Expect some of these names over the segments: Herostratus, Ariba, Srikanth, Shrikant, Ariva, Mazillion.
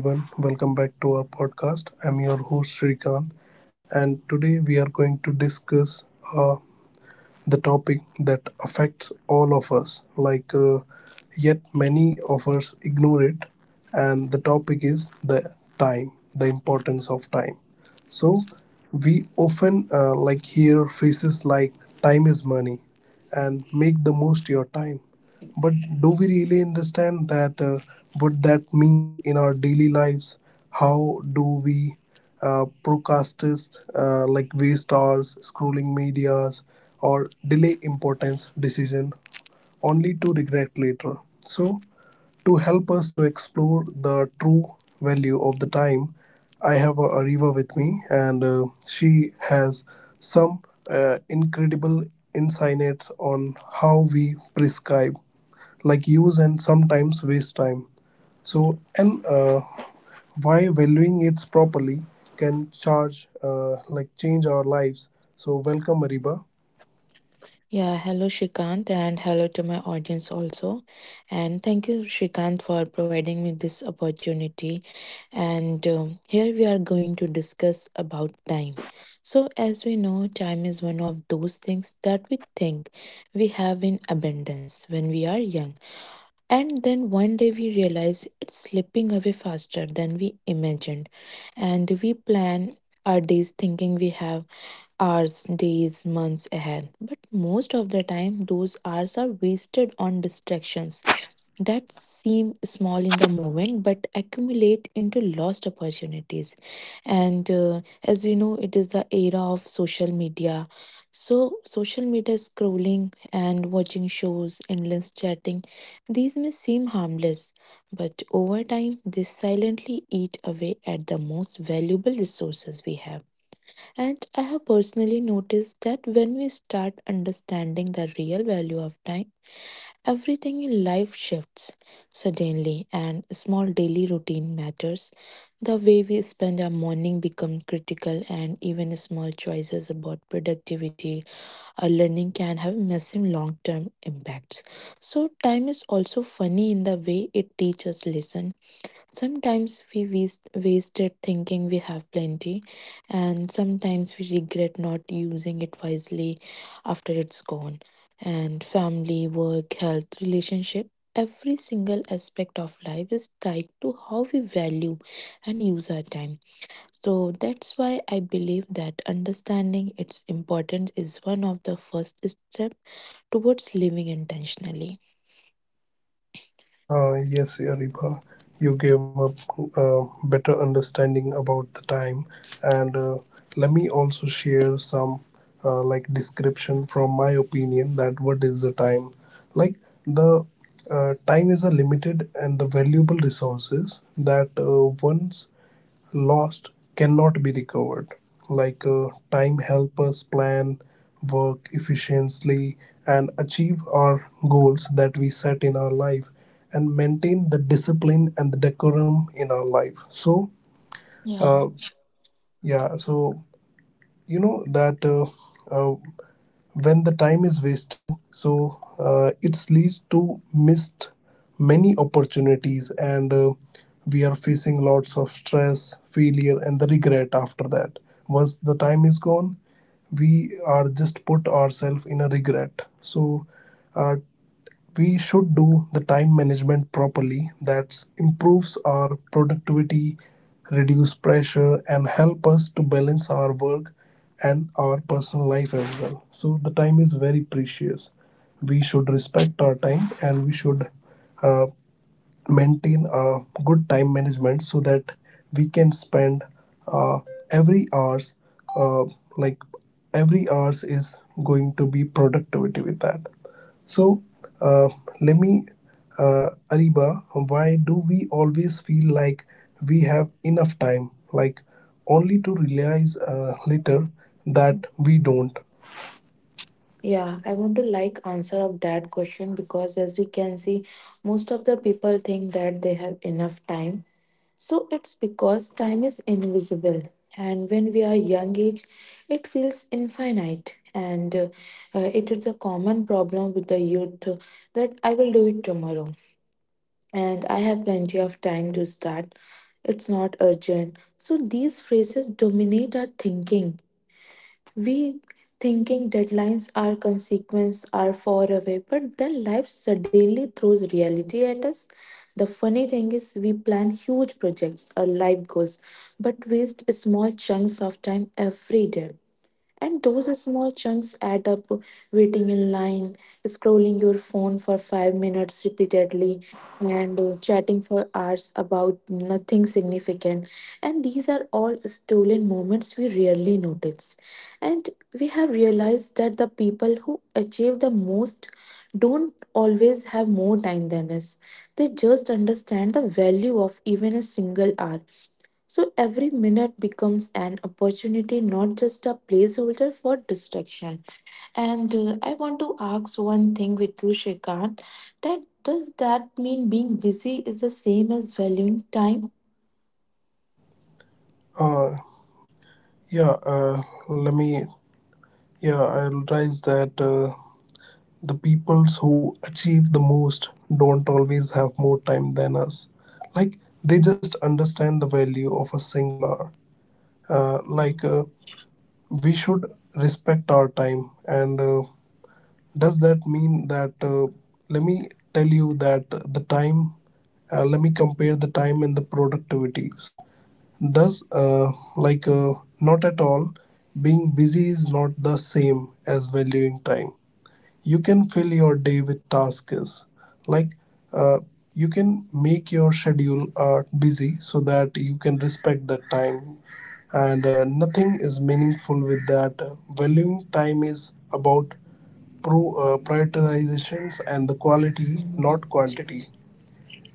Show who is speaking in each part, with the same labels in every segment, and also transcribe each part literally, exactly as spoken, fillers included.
Speaker 1: Hello, everyone. Welcome back to our podcast. I'm your host, Srikanth, and today we are going to discuss uh, the topic that affects all of us, like uh, yet many of us ignore it. And the topic is the time, the importance of time. So, we often uh, like hear phrases like time is money and make the most your time, but do we really understand that uh, what that means in our daily lives? How do we uh, procrastinate, uh, like waste hours scrolling medias or delay importance decision only to regret later? So, to help us to explore the true value of the time, I have uh, Ariva with me, and uh, she has some uh, incredible insights on how we prescribe, like use and sometimes waste time. So, and uh, why valuing it properly can charge, uh, like change our lives. So, welcome, Ariba.
Speaker 2: Yeah, hello Shrikant and hello to my audience also. And thank you Shrikant for providing me this opportunity. And um, here we are going to discuss about time. So as we know, time is one of those things that we think we have in abundance when we are young. And then one day we realize it's slipping away faster than we imagined. And we plan our days thinking we have hours, days, months ahead. But most of the time, those hours are wasted on distractions that seem small in the moment but accumulate into lost opportunities. And uh, as we know, it is the era of social media. So, social media scrolling and watching shows, endless chatting, these may seem harmless, but over time, they silently eat away at the most valuable resources we have. And I have personally noticed that when we start understanding the real value of time, everything in life shifts suddenly, and small daily routine matters. The way we spend our morning become critical, and even small choices about productivity or learning can have massive long term impacts. So, time is also funny in the way it teaches lesson. Sometimes we waste, wasted thinking we have plenty, and sometimes we regret not using it wisely after it's gone. And family, work, health, relationship, every single aspect of life is tied to how we value and use our time. So that's why I believe that understanding its importance is one of the first steps towards living intentionally.
Speaker 1: Uh, yes, Ariba, you gave a uh, better understanding about the time, and uh, let me also share some uh, like description from my opinion that what is the time. Like the uh, Time is a limited and the valuable resources that uh, once lost cannot be recovered. Like uh, time help us plan, work efficiently, and achieve our goals that we set in our life, and maintain the discipline and the decorum in our life. so
Speaker 2: Yeah.
Speaker 1: uh, yeah so you know that, uh, uh, when the time is wasted, so uh, it leads to missed many opportunities, and uh, we are facing lots of stress, failure, and the regret after that. Once the time is gone, we are just put ourselves in a regret. So uh, we should do the time management properly, that improves our productivity, reduce pressure, and help us to balance our work and our personal life as well. So the time is very precious. We should respect our time, and we should uh, maintain a good time management so that we can spend, uh, every hours, uh, like every hours is going to be productivity with that. So uh, let me uh, ariba, why do we always feel like we have enough time, like only to realize uh, later that we don't?
Speaker 2: Yeah, I want to like answer of that question because as we can see, most of the people think that they have enough time. So it's because time is invisible. And when we are young age, it feels infinite. And uh, uh, it is a common problem with the youth uh, that I will do it tomorrow. And I have plenty of time to start. It's not urgent. So these phrases dominate our thinking, we thinking deadlines are consequence are far away, but then life suddenly throws reality at us. The funny thing is we plan huge projects or life goals, but waste small chunks of time every day. And those small chunks add up, waiting in line, scrolling your phone for five minutes repeatedly, and uh, chatting for hours about nothing significant. And these are all stolen moments we rarely notice. And we have realized that the people who achieve the most don't always have more time than us, they just understand the value of even a single hour. So every minute becomes an opportunity, not just a placeholder for distraction. And uh, I want to ask one thing with you, Shrikant, that does that mean being busy is the same as valuing time?
Speaker 1: Uh, yeah uh, let me yeah I realize that, uh, the peoples who achieve the most don't always have more time than us. Like, they just understand the value of a single hour. Uh,
Speaker 2: Yeah.
Speaker 1: like, uh, we should respect our time. And uh, does that mean that, uh, let me tell you that the time, uh, let me compare the time and the productivities. Does, uh, like, uh, Not at all, being busy is not the same as valuing time. You can fill your day with tasks, like uh, you can make your schedule uh, busy so that you can respect that time, and uh, nothing is meaningful with that. Valuing time is about pro, uh, prioritizations and the quality,
Speaker 2: Mhm.
Speaker 1: not quantity.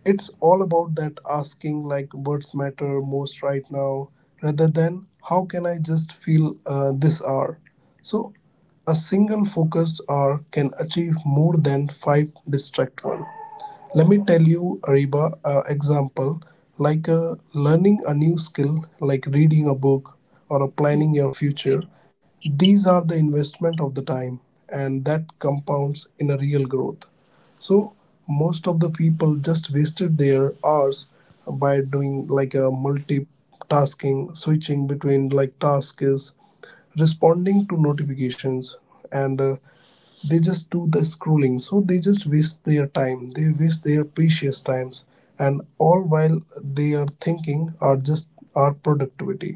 Speaker 1: It's all about that, asking like what's matter most right now rather than how can I just feel uh, this hour. So a single focused hour can achieve more than five distract one. Let me tell you, ariba, uh, example, like uh, learning a new skill, like reading a book or uh, planning your
Speaker 2: Mhm.
Speaker 1: future, these are the investment of the time, and that compounds in a real growth. So most of the people just wasted their hours by doing like a multitasking, switching between like tasks, responding to notifications, and uh, they just do the scrolling. So they just waste their time, they waste their precious times, and all while they are thinking are just our productivity.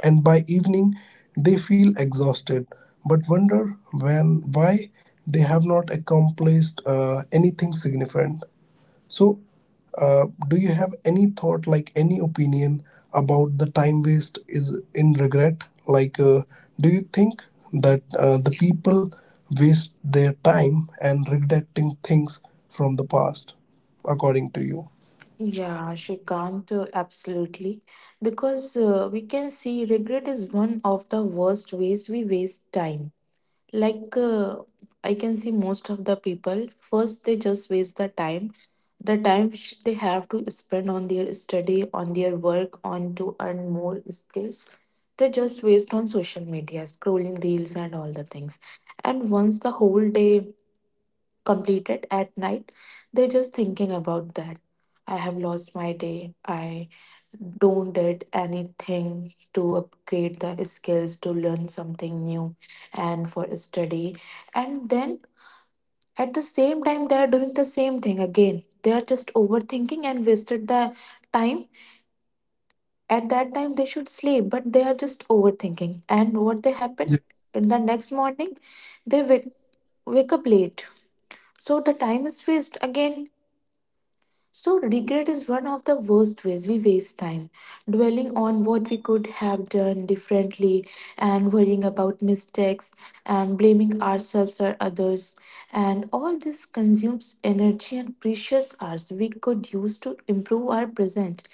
Speaker 1: And by evening they feel exhausted but wonder when why they have not accomplished uh, anything significant. So, uh, do you have any thought, like any opinion about the time waste is in regret? Like, uh, do you think
Speaker 2: Mhm.
Speaker 1: that, uh, the people waste their time and regretting things from the past, according to you?
Speaker 2: Yeah, Shrikant, uh, absolutely. Because uh, we can see regret is one of the worst ways we waste time. Like uh, I can see most of the people first, they just waste the time, the time which they have to spend on their study, on their work, on to earn more skills, they just waste on social media scrolling reels and all the things. And once the whole day completed at night, they just thinking about that, I have lost my day, I don't did anything to upgrade the skills to learn something new and for study. And then at the same time they are doing the same thing again, they are just overthinking and wasted the time. At that time they should sleep, but they are just overthinking, and what they happen in the next morning, they wake, wake up late, so the time is waste again. So, regret is one of the worst ways we waste time, dwelling on what we could have done differently and worrying about mistakes and blaming ourselves or others. And all this consumes energy and precious hours we could use to improve our present.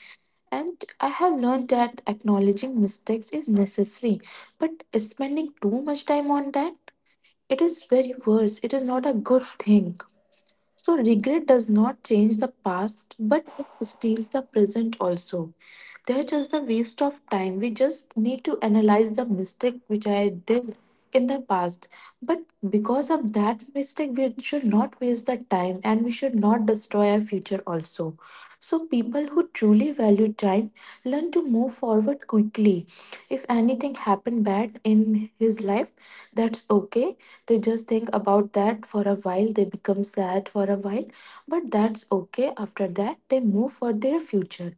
Speaker 2: And I have learned that acknowledging mistakes is necessary, but spending too much time on that, it is very worse. It is not a good thing. So, regret does not change the past, but it steals the present also. They're just a waste of time. We just need to analyze the mistake which I did in the past. But because of that mistake, we should not waste the time and we should not destroy our future also. So, people who truly value time learn to move forward quickly. If anything happened bad in his life, that's okay, they just think about that for a while, they become sad for a while, but that's okay, after that they move for their future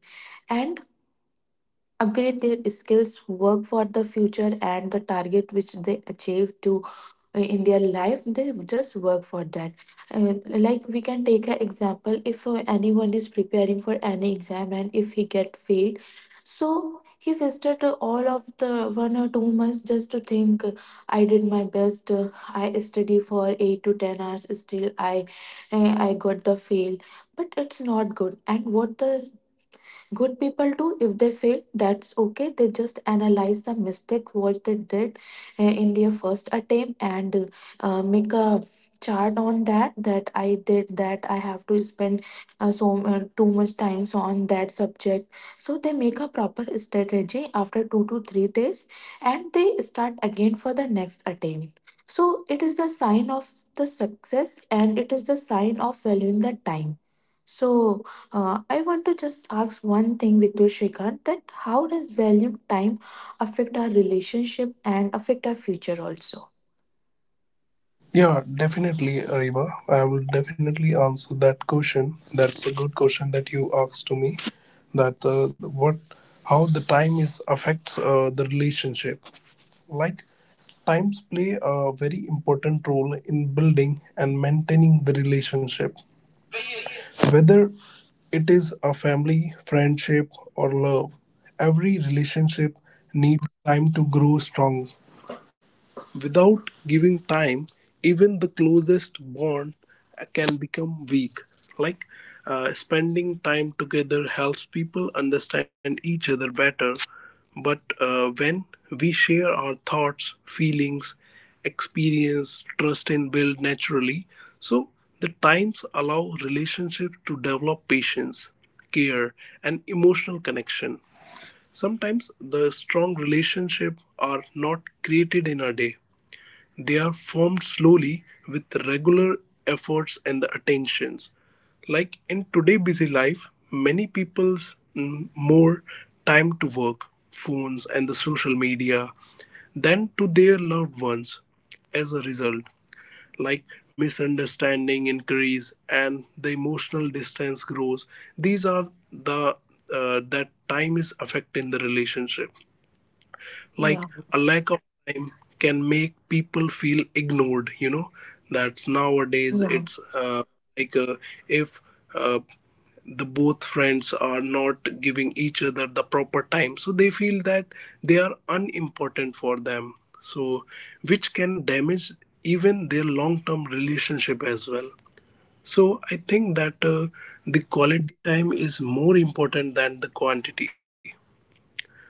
Speaker 2: and upgrade their skills, work for the future and the target which they achieve to, uh, in their life they just work for that. And like we can take an example, if uh, anyone is preparing for any exam and if he get failed, so he wasted uh, all of the one or two months just to think, uh, I did my best, uh, I study for eight to ten hours, still i uh, i got the fail. But it's not good and what the. Good people too, if they fail, that's okay. They just analyze the mistakes what they did uh, in their first attempt, and uh, make a chart on that, that I did that I have to spend uh, so uh, too much times on that subject. So they make a proper strategy after two to three days and they start again for the next attempt, so it is the sign of the success and it is the sign of valuing the time. So uh, I want to just ask one thing with you, Shrikant, that how does value time affect our relationship and affect our future also?
Speaker 1: Yeah, definitely, Ariba. I will definitely answer that question. That's a good question that you asked to me. That uh, what, how the time is affects uh, the relationship. Like times play a very important role in building and maintaining the relationship. Whether it is a family, friendship, or love, every relationship needs time to grow strong. Without giving time, even the closest bond can become weak. Like uh, Spending time together helps people understand each other better, but uh, when we share our thoughts, feelings, experience, trust, and build naturally. So the times allow relationship to develop patience, care, and emotional connection. Sometimes the strong relationship are not created in a day, they are formed slowly with regular efforts and the attentions. Like in today busy life, many people's mm, more time to work, phones and the social media than to their loved ones. As a result, like misunderstanding increase and the emotional distance grows. These are the uh, that time is affecting the relationship,
Speaker 2: Yeah,
Speaker 1: like a lack of time can make people feel ignored, you know. That's nowadays
Speaker 2: yeah.
Speaker 1: it's uh, like uh, if uh, the both friends are not giving each other the proper time, so they feel that they are unimportant for them, so which can damage even their long term relationship as well. So I think that, uh, the quality time is more important than the quantity.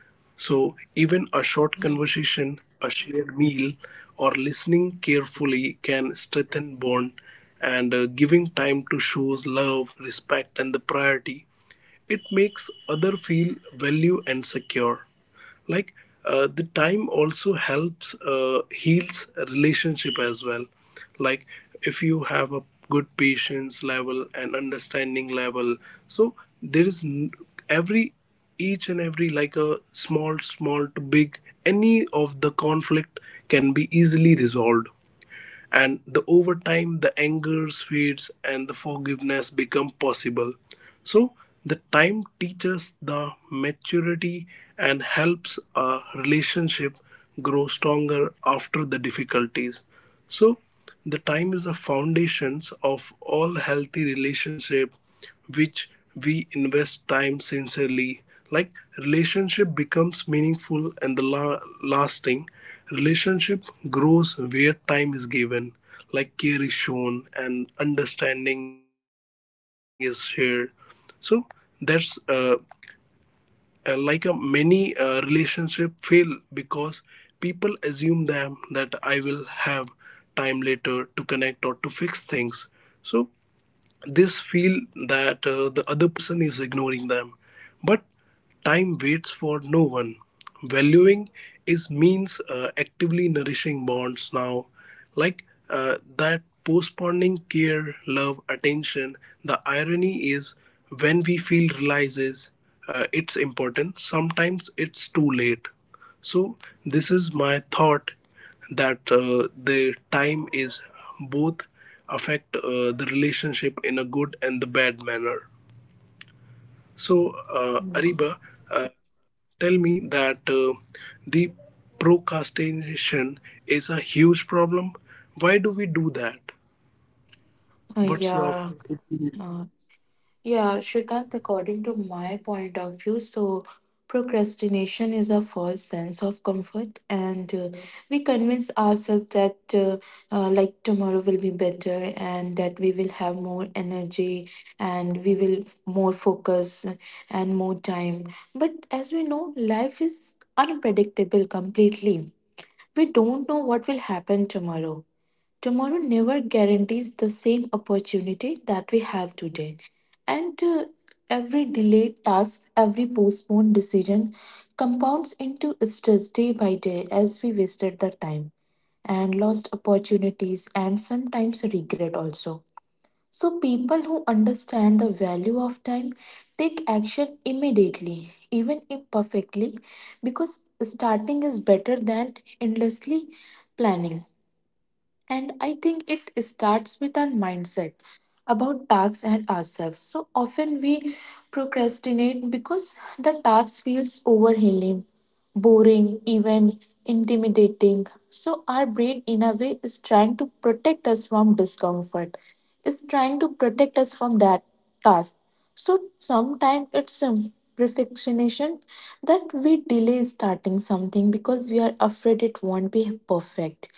Speaker 1: So, even a short conversation, a shared meal, or listening carefully can strengthen bond, and uh, giving time to shows love, respect and the priority. It makes other feel value and secure, like uh, the time also helps uh, heals a relationship as well. Like if you have a good patience level and understanding level, so there is n- every each and every like a small small to big, any of the conflict can be easily resolved, and the over time the anger fades and the forgiveness become possible. So the time teaches the maturity and helps a relationship grow stronger after the difficulties. So the time is the foundations of all healthy relationship, which we invest time sincerely. Like relationship becomes meaningful and the la- lasting. Relationship grows where time is given, like care is shown and understanding is shared. So that's uh, uh, like a many uh, relationship fail because people assume them that I will have time later to connect or to fix things. So this feel that, uh, the other person is ignoring them. But time waits for no one. Valuing is means uh, actively nourishing bonds now, like uh, that postponing care, love, attention. The irony is, when we feel realizes uh, it's important, sometimes it's too late. So this is my thought, that uh, the time is both affect uh, the relationship in a good and the bad manner. So, uh,
Speaker 2: Mm.
Speaker 1: Ariba, uh, tell me that, uh, the procrastination is a huge problem. Why do we do that?
Speaker 2: uh,
Speaker 1: What's your
Speaker 2: yeah. Yeah, Shrikant, according to my point of view, so procrastination is a false sense of comfort, and uh, we convince ourselves that uh, uh, like tomorrow will be better, and that we will have more energy, and we will more focus and more time. But as we know, life is unpredictable completely. We don't know what will happen tomorrow. Tomorrow never guarantees the same opportunity that we have today. And uh, every delayed task, every postponed decision compounds into stress day by day as we wasted the time and lost opportunities and sometimes regret also. So, people who understand the value of time take action immediately, even imperfectly, because starting is better than endlessly planning. And I think it starts with our mindset about tasks and ourselves. So often we procrastinate because the task feels overwhelming, boring, even intimidating. So our brain, in a way, is trying to protect us from discomfort, is trying to protect us from that task. So sometimes it's um, perfectionism, that we delay starting something because we are afraid it won't be perfect,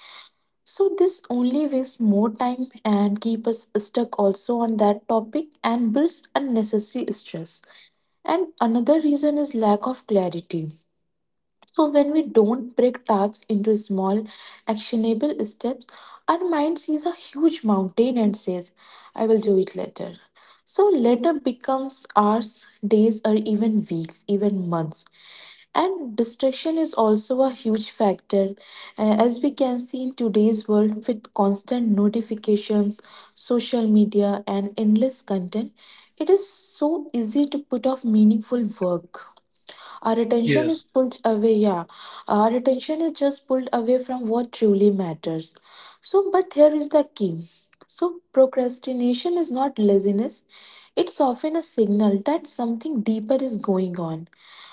Speaker 2: so this only wastes more time and keep us stuck also on that topic and builds unnecessary stress. And another reason is lack of clarity. So when we don't break tasks into small actionable steps, our mind sees a huge mountain and says, I will do it later. So later becomes hours, days, or even weeks, even months. And distraction is also a huge factor, uh, as we can see in today's world with constant notifications, social media, and endless content. It is so easy to put off meaningful work. Our attention
Speaker 1: yes?
Speaker 2: is pulled away, yeah. Our attention is just pulled away from what truly matters. So, but here is the key. So, procrastination is not laziness, it's often a signal that something deeper is going on,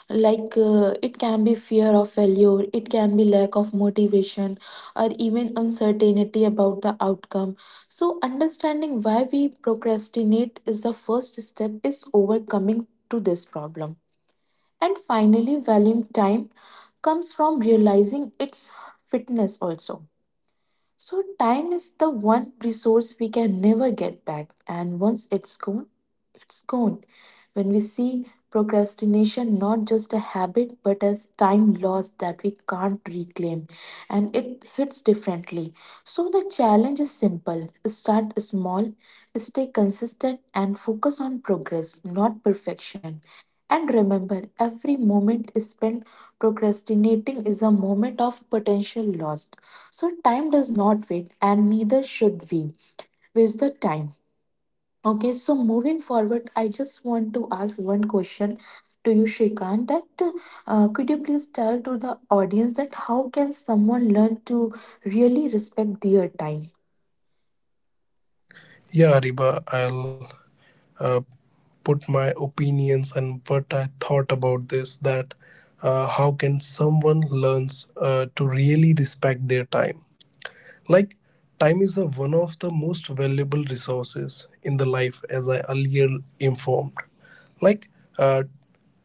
Speaker 2: like uh, it can be fear of failure, it can be lack of motivation, or even uncertainty about the outcome. So understanding why we procrastinate is the first step is overcoming to this problem. And finally, valuing time comes from realizing its fitness also. So, time is the one resource we can never get back, and once it's gone, it's gone. When we see procrastination not just a habit but as time lost that we can't reclaim, and it hits differently. So, the challenge is simple, start small, stay consistent, and focus on progress, not perfection. And remember, every moment spent procrastinating is a moment of potential lost. So time does not wait and neither should we. Waste the time. Okay, so moving forward, I just want to ask one question to you, Shrikant, that uh, could you please tell to the audience that how can someone learn to really respect their time?
Speaker 1: Yeah, Ariba, I'll uh, put my opinions and what I thought about this. That uh, How can someone learns uh, to really respect their time? Like time is a, one of the most valuable resources in the life as I earlier informed. like uh,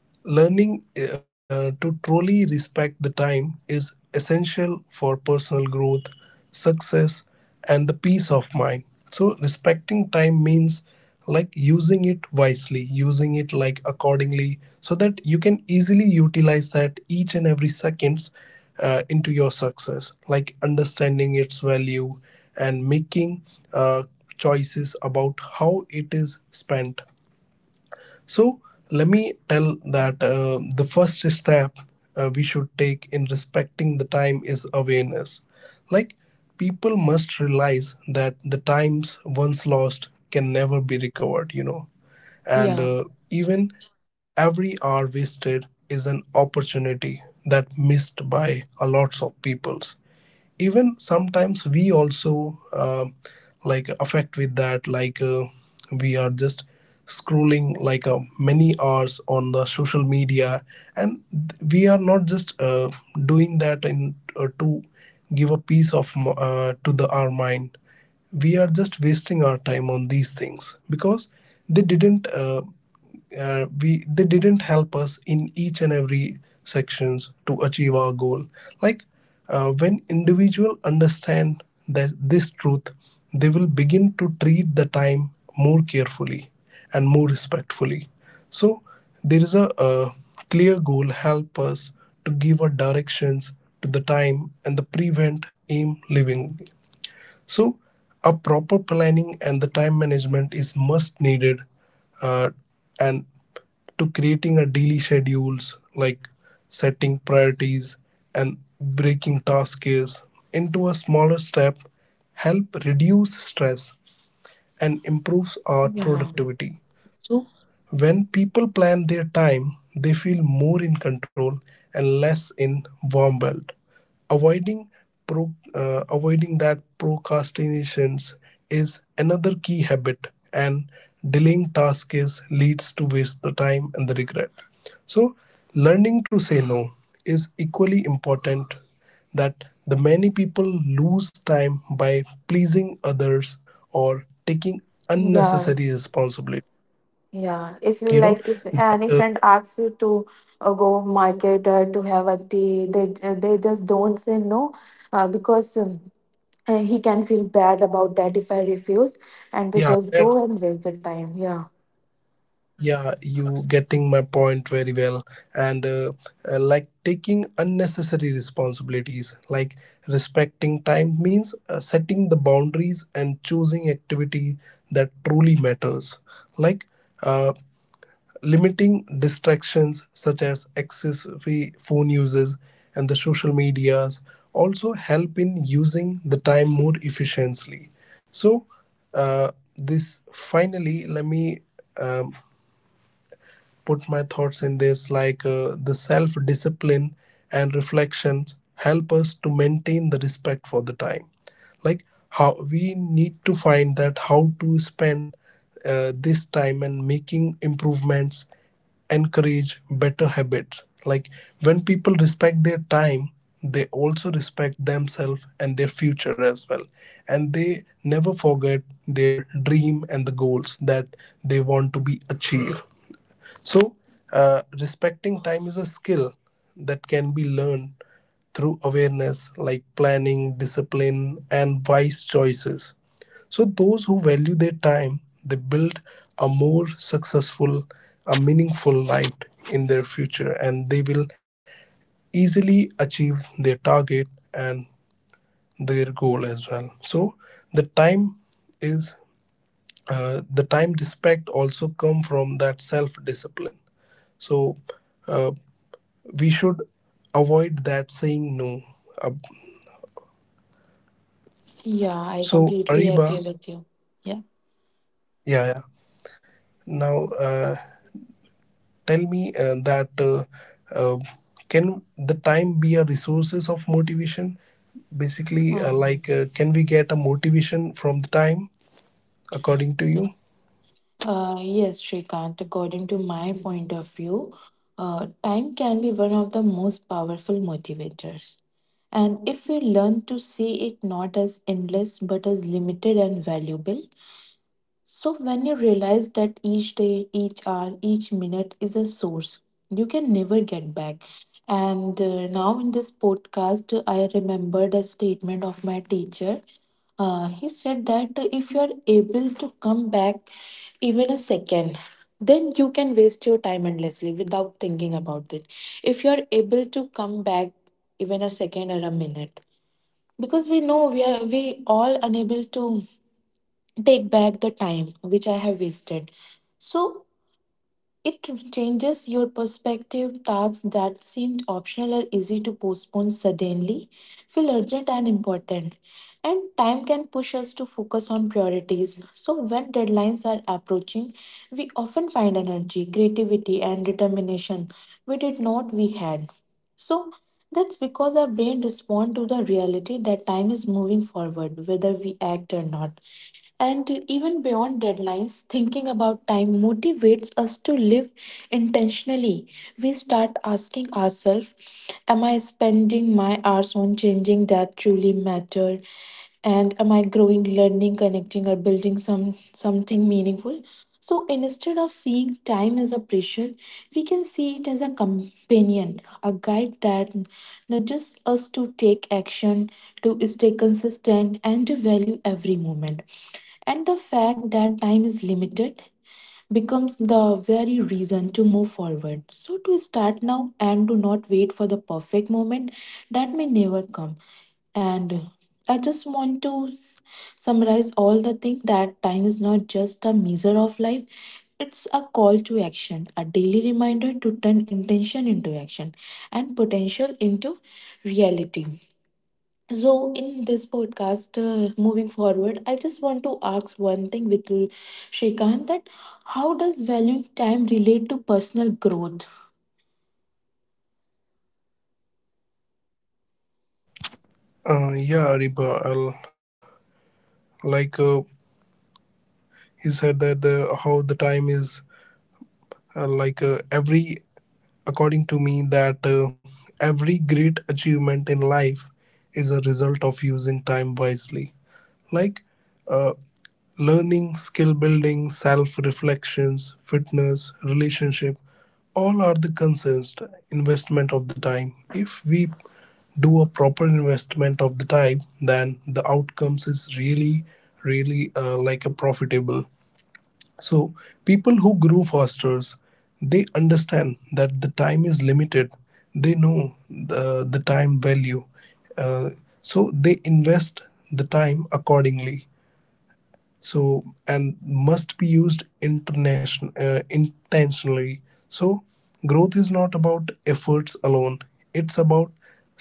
Speaker 1: Learning uh, to truly respect the time is essential for personal growth, success, and the peace of mind. So, respecting time means like using it wisely, using it like accordingly, so that you can easily utilize that each and every seconds uh, into your success, like understanding its value, and making uh, choices about how it is spent. So let me tell that, uh, the first step uh, we should take in respecting the time is awareness. Like people must realize that the times once lost can never be recovered, you know, and uh,
Speaker 2: Yeah,
Speaker 1: even every hour wasted is an opportunity that missed by a lots of peoples. Even sometimes we also, uh, like affect with that, like uh, we are just scrolling, like uh, many hours on the social media, and th- we are not just uh, doing that in uh, to give a peace of m- uh, to the our mind. We are just wasting our time on these things because they didn't uh, uh, we they didn't help us in each and every sections to achieve our goal. Like uh, when individual understand that this truth, they will begin to treat the time more carefully and more respectfully. So there is a, a clear goal help us to give our directions to the time and the prevent aim living. So, a proper planning and the time management is must needed, uh, and to creating a daily schedules, like setting priorities and breaking tasks into a smaller step, help reduce stress and improves our
Speaker 2: yeah,
Speaker 1: productivity. So, when people plan their time, they feel more in control and less in warm world. Avoiding pro, uh, avoiding that procrastinations is another key habit, and delaying tasks is, leads to waste the time and the regret. So, learning to say no is equally important that the many people lose time by pleasing others or taking unnecessary
Speaker 2: yeah.
Speaker 1: responsibility.
Speaker 2: Yeah,
Speaker 1: you know
Speaker 2: if you like,
Speaker 1: that
Speaker 2: if
Speaker 1: uh,
Speaker 2: any friend asks you to uh, go market or to have a tea, they uh, they just don't say no, uh, because um, uh, he can feel bad about that if I refuse,
Speaker 1: yeah
Speaker 2: and to
Speaker 1: that's
Speaker 2: just go and waste the time. Yeah,
Speaker 1: yeah, you getting my point very well. And uh, uh, Like taking unnecessary responsibilities, like respecting time means uh, setting the boundaries and choosing activity that truly matters. like uh, Limiting distractions such as excessive phone uses and the social medias also help in using the time more efficiently. So, uh, this finally, let me um, put my thoughts in this like uh, the self discipline and reflections help us to maintain the respect for the time, like how we need to find that how to spend uh, this time, and making improvements encourage better habits, like when people respect their time they also respect themselves and their future as well, and they never forget their dream and the goals that they want to be achieved. So, uh, respecting time is a skill that can be learned through awareness, like planning, discipline, and wise choices. So, those who value their time, they build a more successful, a meaningful life in their future, and they will easily achieve their target and their goal as well. So, the time is uh, the time respect also come from that self discipline. So, uh, we should avoid that saying no. Uh,
Speaker 2: yeah,
Speaker 1: so
Speaker 2: I
Speaker 1: Ariba,
Speaker 2: completely agree with you. Yeah.
Speaker 1: yeah, yeah. Now uh, tell me uh, that uh, uh, can the time be a resources of motivation? Basically, uh, like uh,
Speaker 2: Uh,
Speaker 1: can we get a motivation from the time according to you?
Speaker 2: uh, yes, Shrikant, according to my point of view, uh, time can be one of the most powerful motivators. And if we learn to see it not as endless but as limited and valuable, so when you realize that each day, each hour, each minute is a source you can never get back. And uh, now in this podcast, I remembered a statement of my teacher. Uh, he said that if you are able to come back even a second, then you can waste your time endlessly without thinking about it. If you're able to come back even a second or a minute, because we know we are we all unable to take back the time which I have wasted. So it changes your perspective. Tasks that seemed optional are easy to postpone suddenly, feel urgent and important. And time can push us to focus on priorities. So, when deadlines are approaching, we often find energy, creativity, and determination we did not we had. So that's because our brain responds to the reality that time is moving forward, whether we act or not. And even beyond deadlines, thinking about time motivates us to live intentionally. We start asking ourselves, am I spending my hours on changing that truly matter? And am I growing, learning, connecting, or building some something meaningful? So instead of seeing time as a pressure, we can see it as a companion, a guide that nudges us to take action, to stay consistent, and to value every moment. And the fact that time is limited becomes the very reason to move forward. So, to start now and do not wait for the perfect moment that may never come. And I just want to s- summarize all the thing that time is not just a measure of life. It's a call to action, a daily reminder to turn intention into action and potential into reality. So, in this podcast, uh, moving forward, I just want to ask one thing with you, Shrikant, that how does valuing time relate to personal growth?
Speaker 1: Uh, yeah, Ariba. I'll, like uh, you said that the how the time is uh, like uh, every according to me that uh, every great achievement in life is a result of using time wisely, like uh, learning, skill building, self reflections, fitness, relationship, all are the concerns, investment of the time. If we do a proper investment of the time, then the outcomes is really really uh, like a profitable. So, people who grow fasters, they understand that the time is limited. They know the, the time value. Uh, so, they invest the time accordingly. So, and must be used internation, uh, intentionally. So, growth is not about efforts alone, it's about smart,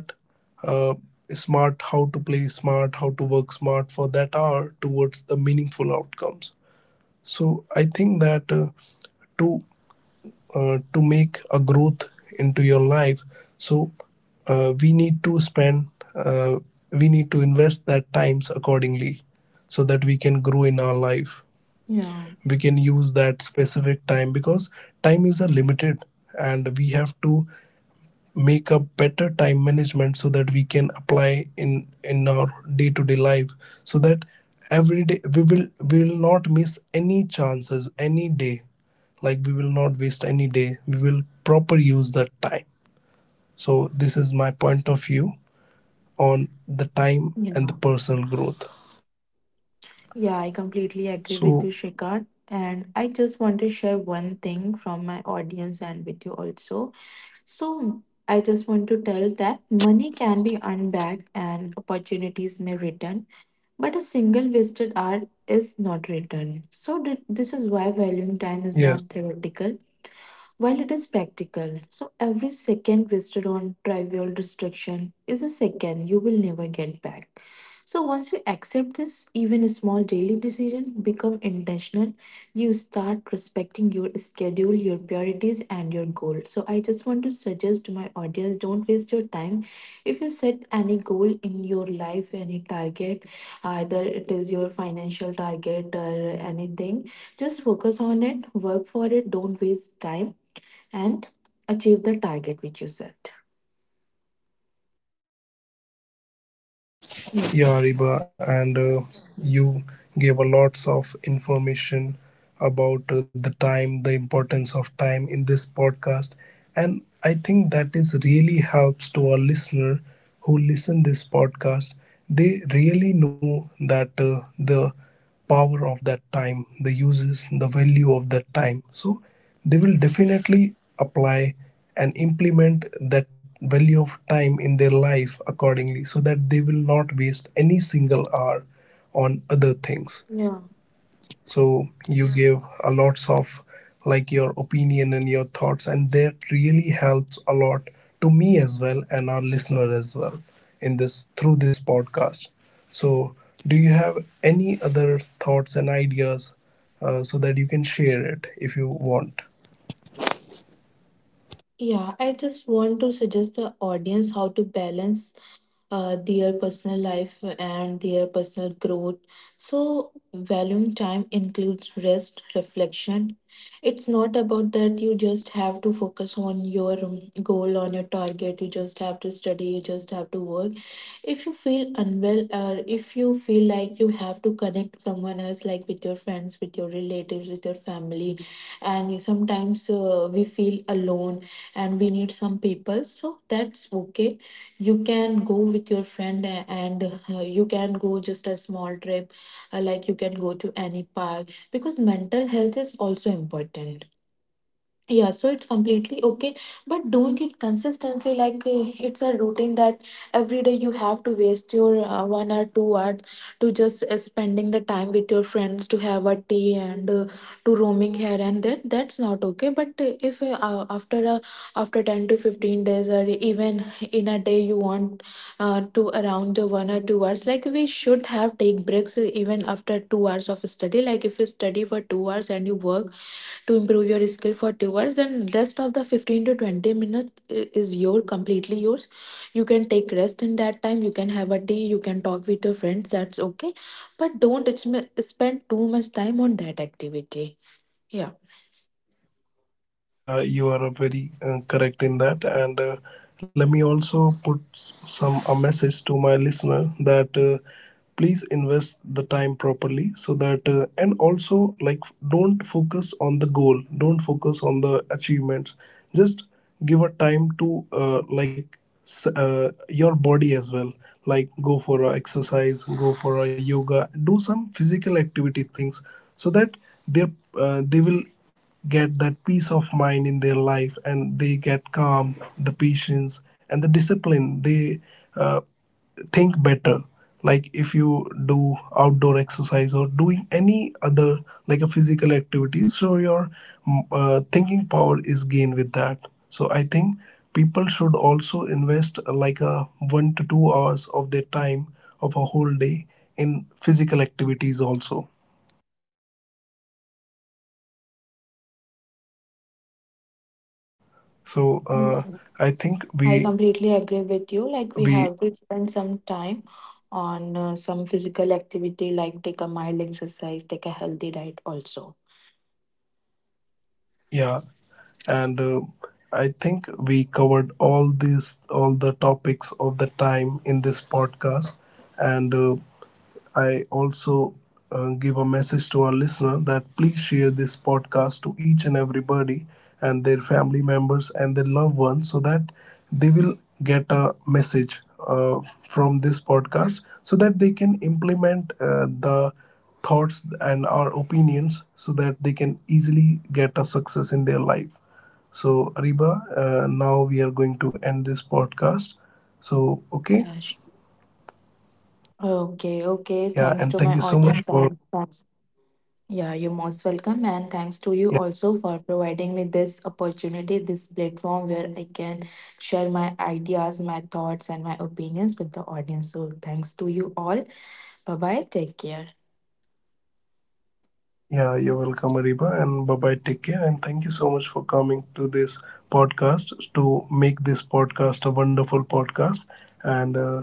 Speaker 1: uh, smart, how to play smart, how to work smart for that hour towards the meaningful outcomes. So I think that uh, to uh, to make a growth into your life, so uh, we need to spend uh, we need to invest that times accordingly, so that we can grow in our life. We can
Speaker 2: Yeah,
Speaker 1: use that specific time because time is a limited, and we have to make a better time management so that we can apply in in our day to day life, so that every day we will we will not miss any chances any day, like we will not waste any day, we will proper use that time. So this is my point of view on the time and the
Speaker 2: you
Speaker 1: personal
Speaker 2: know.
Speaker 1: growth.
Speaker 2: Yeah, I
Speaker 1: So
Speaker 2: completely agree with you, Shrikant. And I just want to share one thing from my audience and with you also. So, I just want to tell that money can be earned back and opportunities may return, but a single wasted hour is not returned. So, th- this is why
Speaker 1: yes.
Speaker 2: valuing time is not theoretical while it is practical, so every second wasted on trivial distraction is a second you will never get back. So once you accept this, even a small daily decision become intentional. You start respecting your schedule, your priorities, and your goal. So I just want to suggest to my audience: don't waste your time. If you set any goal in your life, any target, either it is your financial target or anything, just focus on it. Work for it. Don't waste time and achieve the target which you set.
Speaker 1: Yeah,
Speaker 2: Yeah.
Speaker 1: Ariba, and uh, you gave a lots of information about uh, the time, the importance of time in this podcast, and I think that is really helps to our listener who listen this podcast. They really know that uh, the power of that time, the uses, the value of that time. So they will definitely apply and implement that value of time in their life accordingly so that they will not waste any single hour on other things.
Speaker 2: Yeah.
Speaker 1: So you give a lots of like your opinion and your thoughts, and that really helps a lot to me as well and our listener as well in this through this podcast. So do you have any other thoughts and ideas uh, so that you can share it if you want?
Speaker 2: Yeah. I just want to suggest the audience how to balance uh, their personal life and their personal growth. So, valuing time includes rest, reflection. It's not about that you just have to focus on your um, goal, on your target, you just have to study, you just have to work. If you feel unwell, or if you feel like you have to connect someone else, like with your friends, with your relatives, with your family, and sometimes uh, we feel alone and we need some people, so that's okay. You can go with your friend a- and uh, you can go just a small trip, uh, like you can go to any park, because mental health is also important. Yeah, so it's completely okay, but don't it consistently, like uh, it's a routine that every day you have to waste your uh, one or two hours to just uh, spending the time with your friends to have a tea and uh, to roaming here and there. That's not okay. But uh, if uh, uh, after a after ten to fifteen days, or even in a day you want uh, to around the one or two hours, like we should have take breaks uh, even after two hours of study. Like if you study for two hours and you work to improve your skill for two hours, then rest of the fifteen to twenty minutes i- is your completely yours. You can take rest in that time, you can have a tea, you can talk with your friends, that's okay, but don't sm- spend too much time on that activity. Yeah.
Speaker 1: Yeah, you are very uh, correct in that. And uh, Let me also put some a message to my listener that uh, please invest the time properly, so that uh, and also like, don't focus on the goal, don't focus on the achievements. Just give a time to uh, like s- uh, your body as well. Like go for a exercise, go for a yoga, do some physical activity things, so that they uh, they will get that peace of mind in their life, and they get calm, the patience and the discipline. They uh, think better, like if you do outdoor exercise or doing any other like a physical activity, so your mm, uh, thinking power is gained with that. So I think people should also invest uh, like a one to two hours of their time of a whole day in physical activities also. So uh, i think
Speaker 2: Mhm.
Speaker 1: we
Speaker 2: I completely
Speaker 1: we
Speaker 2: agree with you, like we have to spend some time on uh, some physical activity, like take a mild exercise, take a healthy diet also.
Speaker 1: Yeah, and uh, I think we covered all these, all the topics of the time in this podcast, and. Uh, I also uh, give a message to our listener that please share this podcast to each and everybody and their family members and their loved ones, so that they will get a message uh, from this podcast, so that they can implement uh, the thoughts and our opinions so that they can easily get a success in their life. So, Ariba, uh, now we are going to end this podcast. So, okay.
Speaker 2: Yeah, sure.
Speaker 1: Yeah. And thank
Speaker 2: Okay,
Speaker 1: you so much
Speaker 2: okay,
Speaker 1: for.
Speaker 2: thanks to my audience and thanks. Yeah, you're most
Speaker 1: Yeah.
Speaker 2: welcome, and thanks to you also for providing me this opportunity, this platform where I can share my ideas, my thoughts, and my opinions with the audience. So, thanks to you all. Bye bye. Take care.
Speaker 1: Yeah, you're welcome, Ariba, and bye bye. Take care, and thank you so much for coming to this podcast to make this podcast a wonderful podcast. And uh, Take care. Bye bye.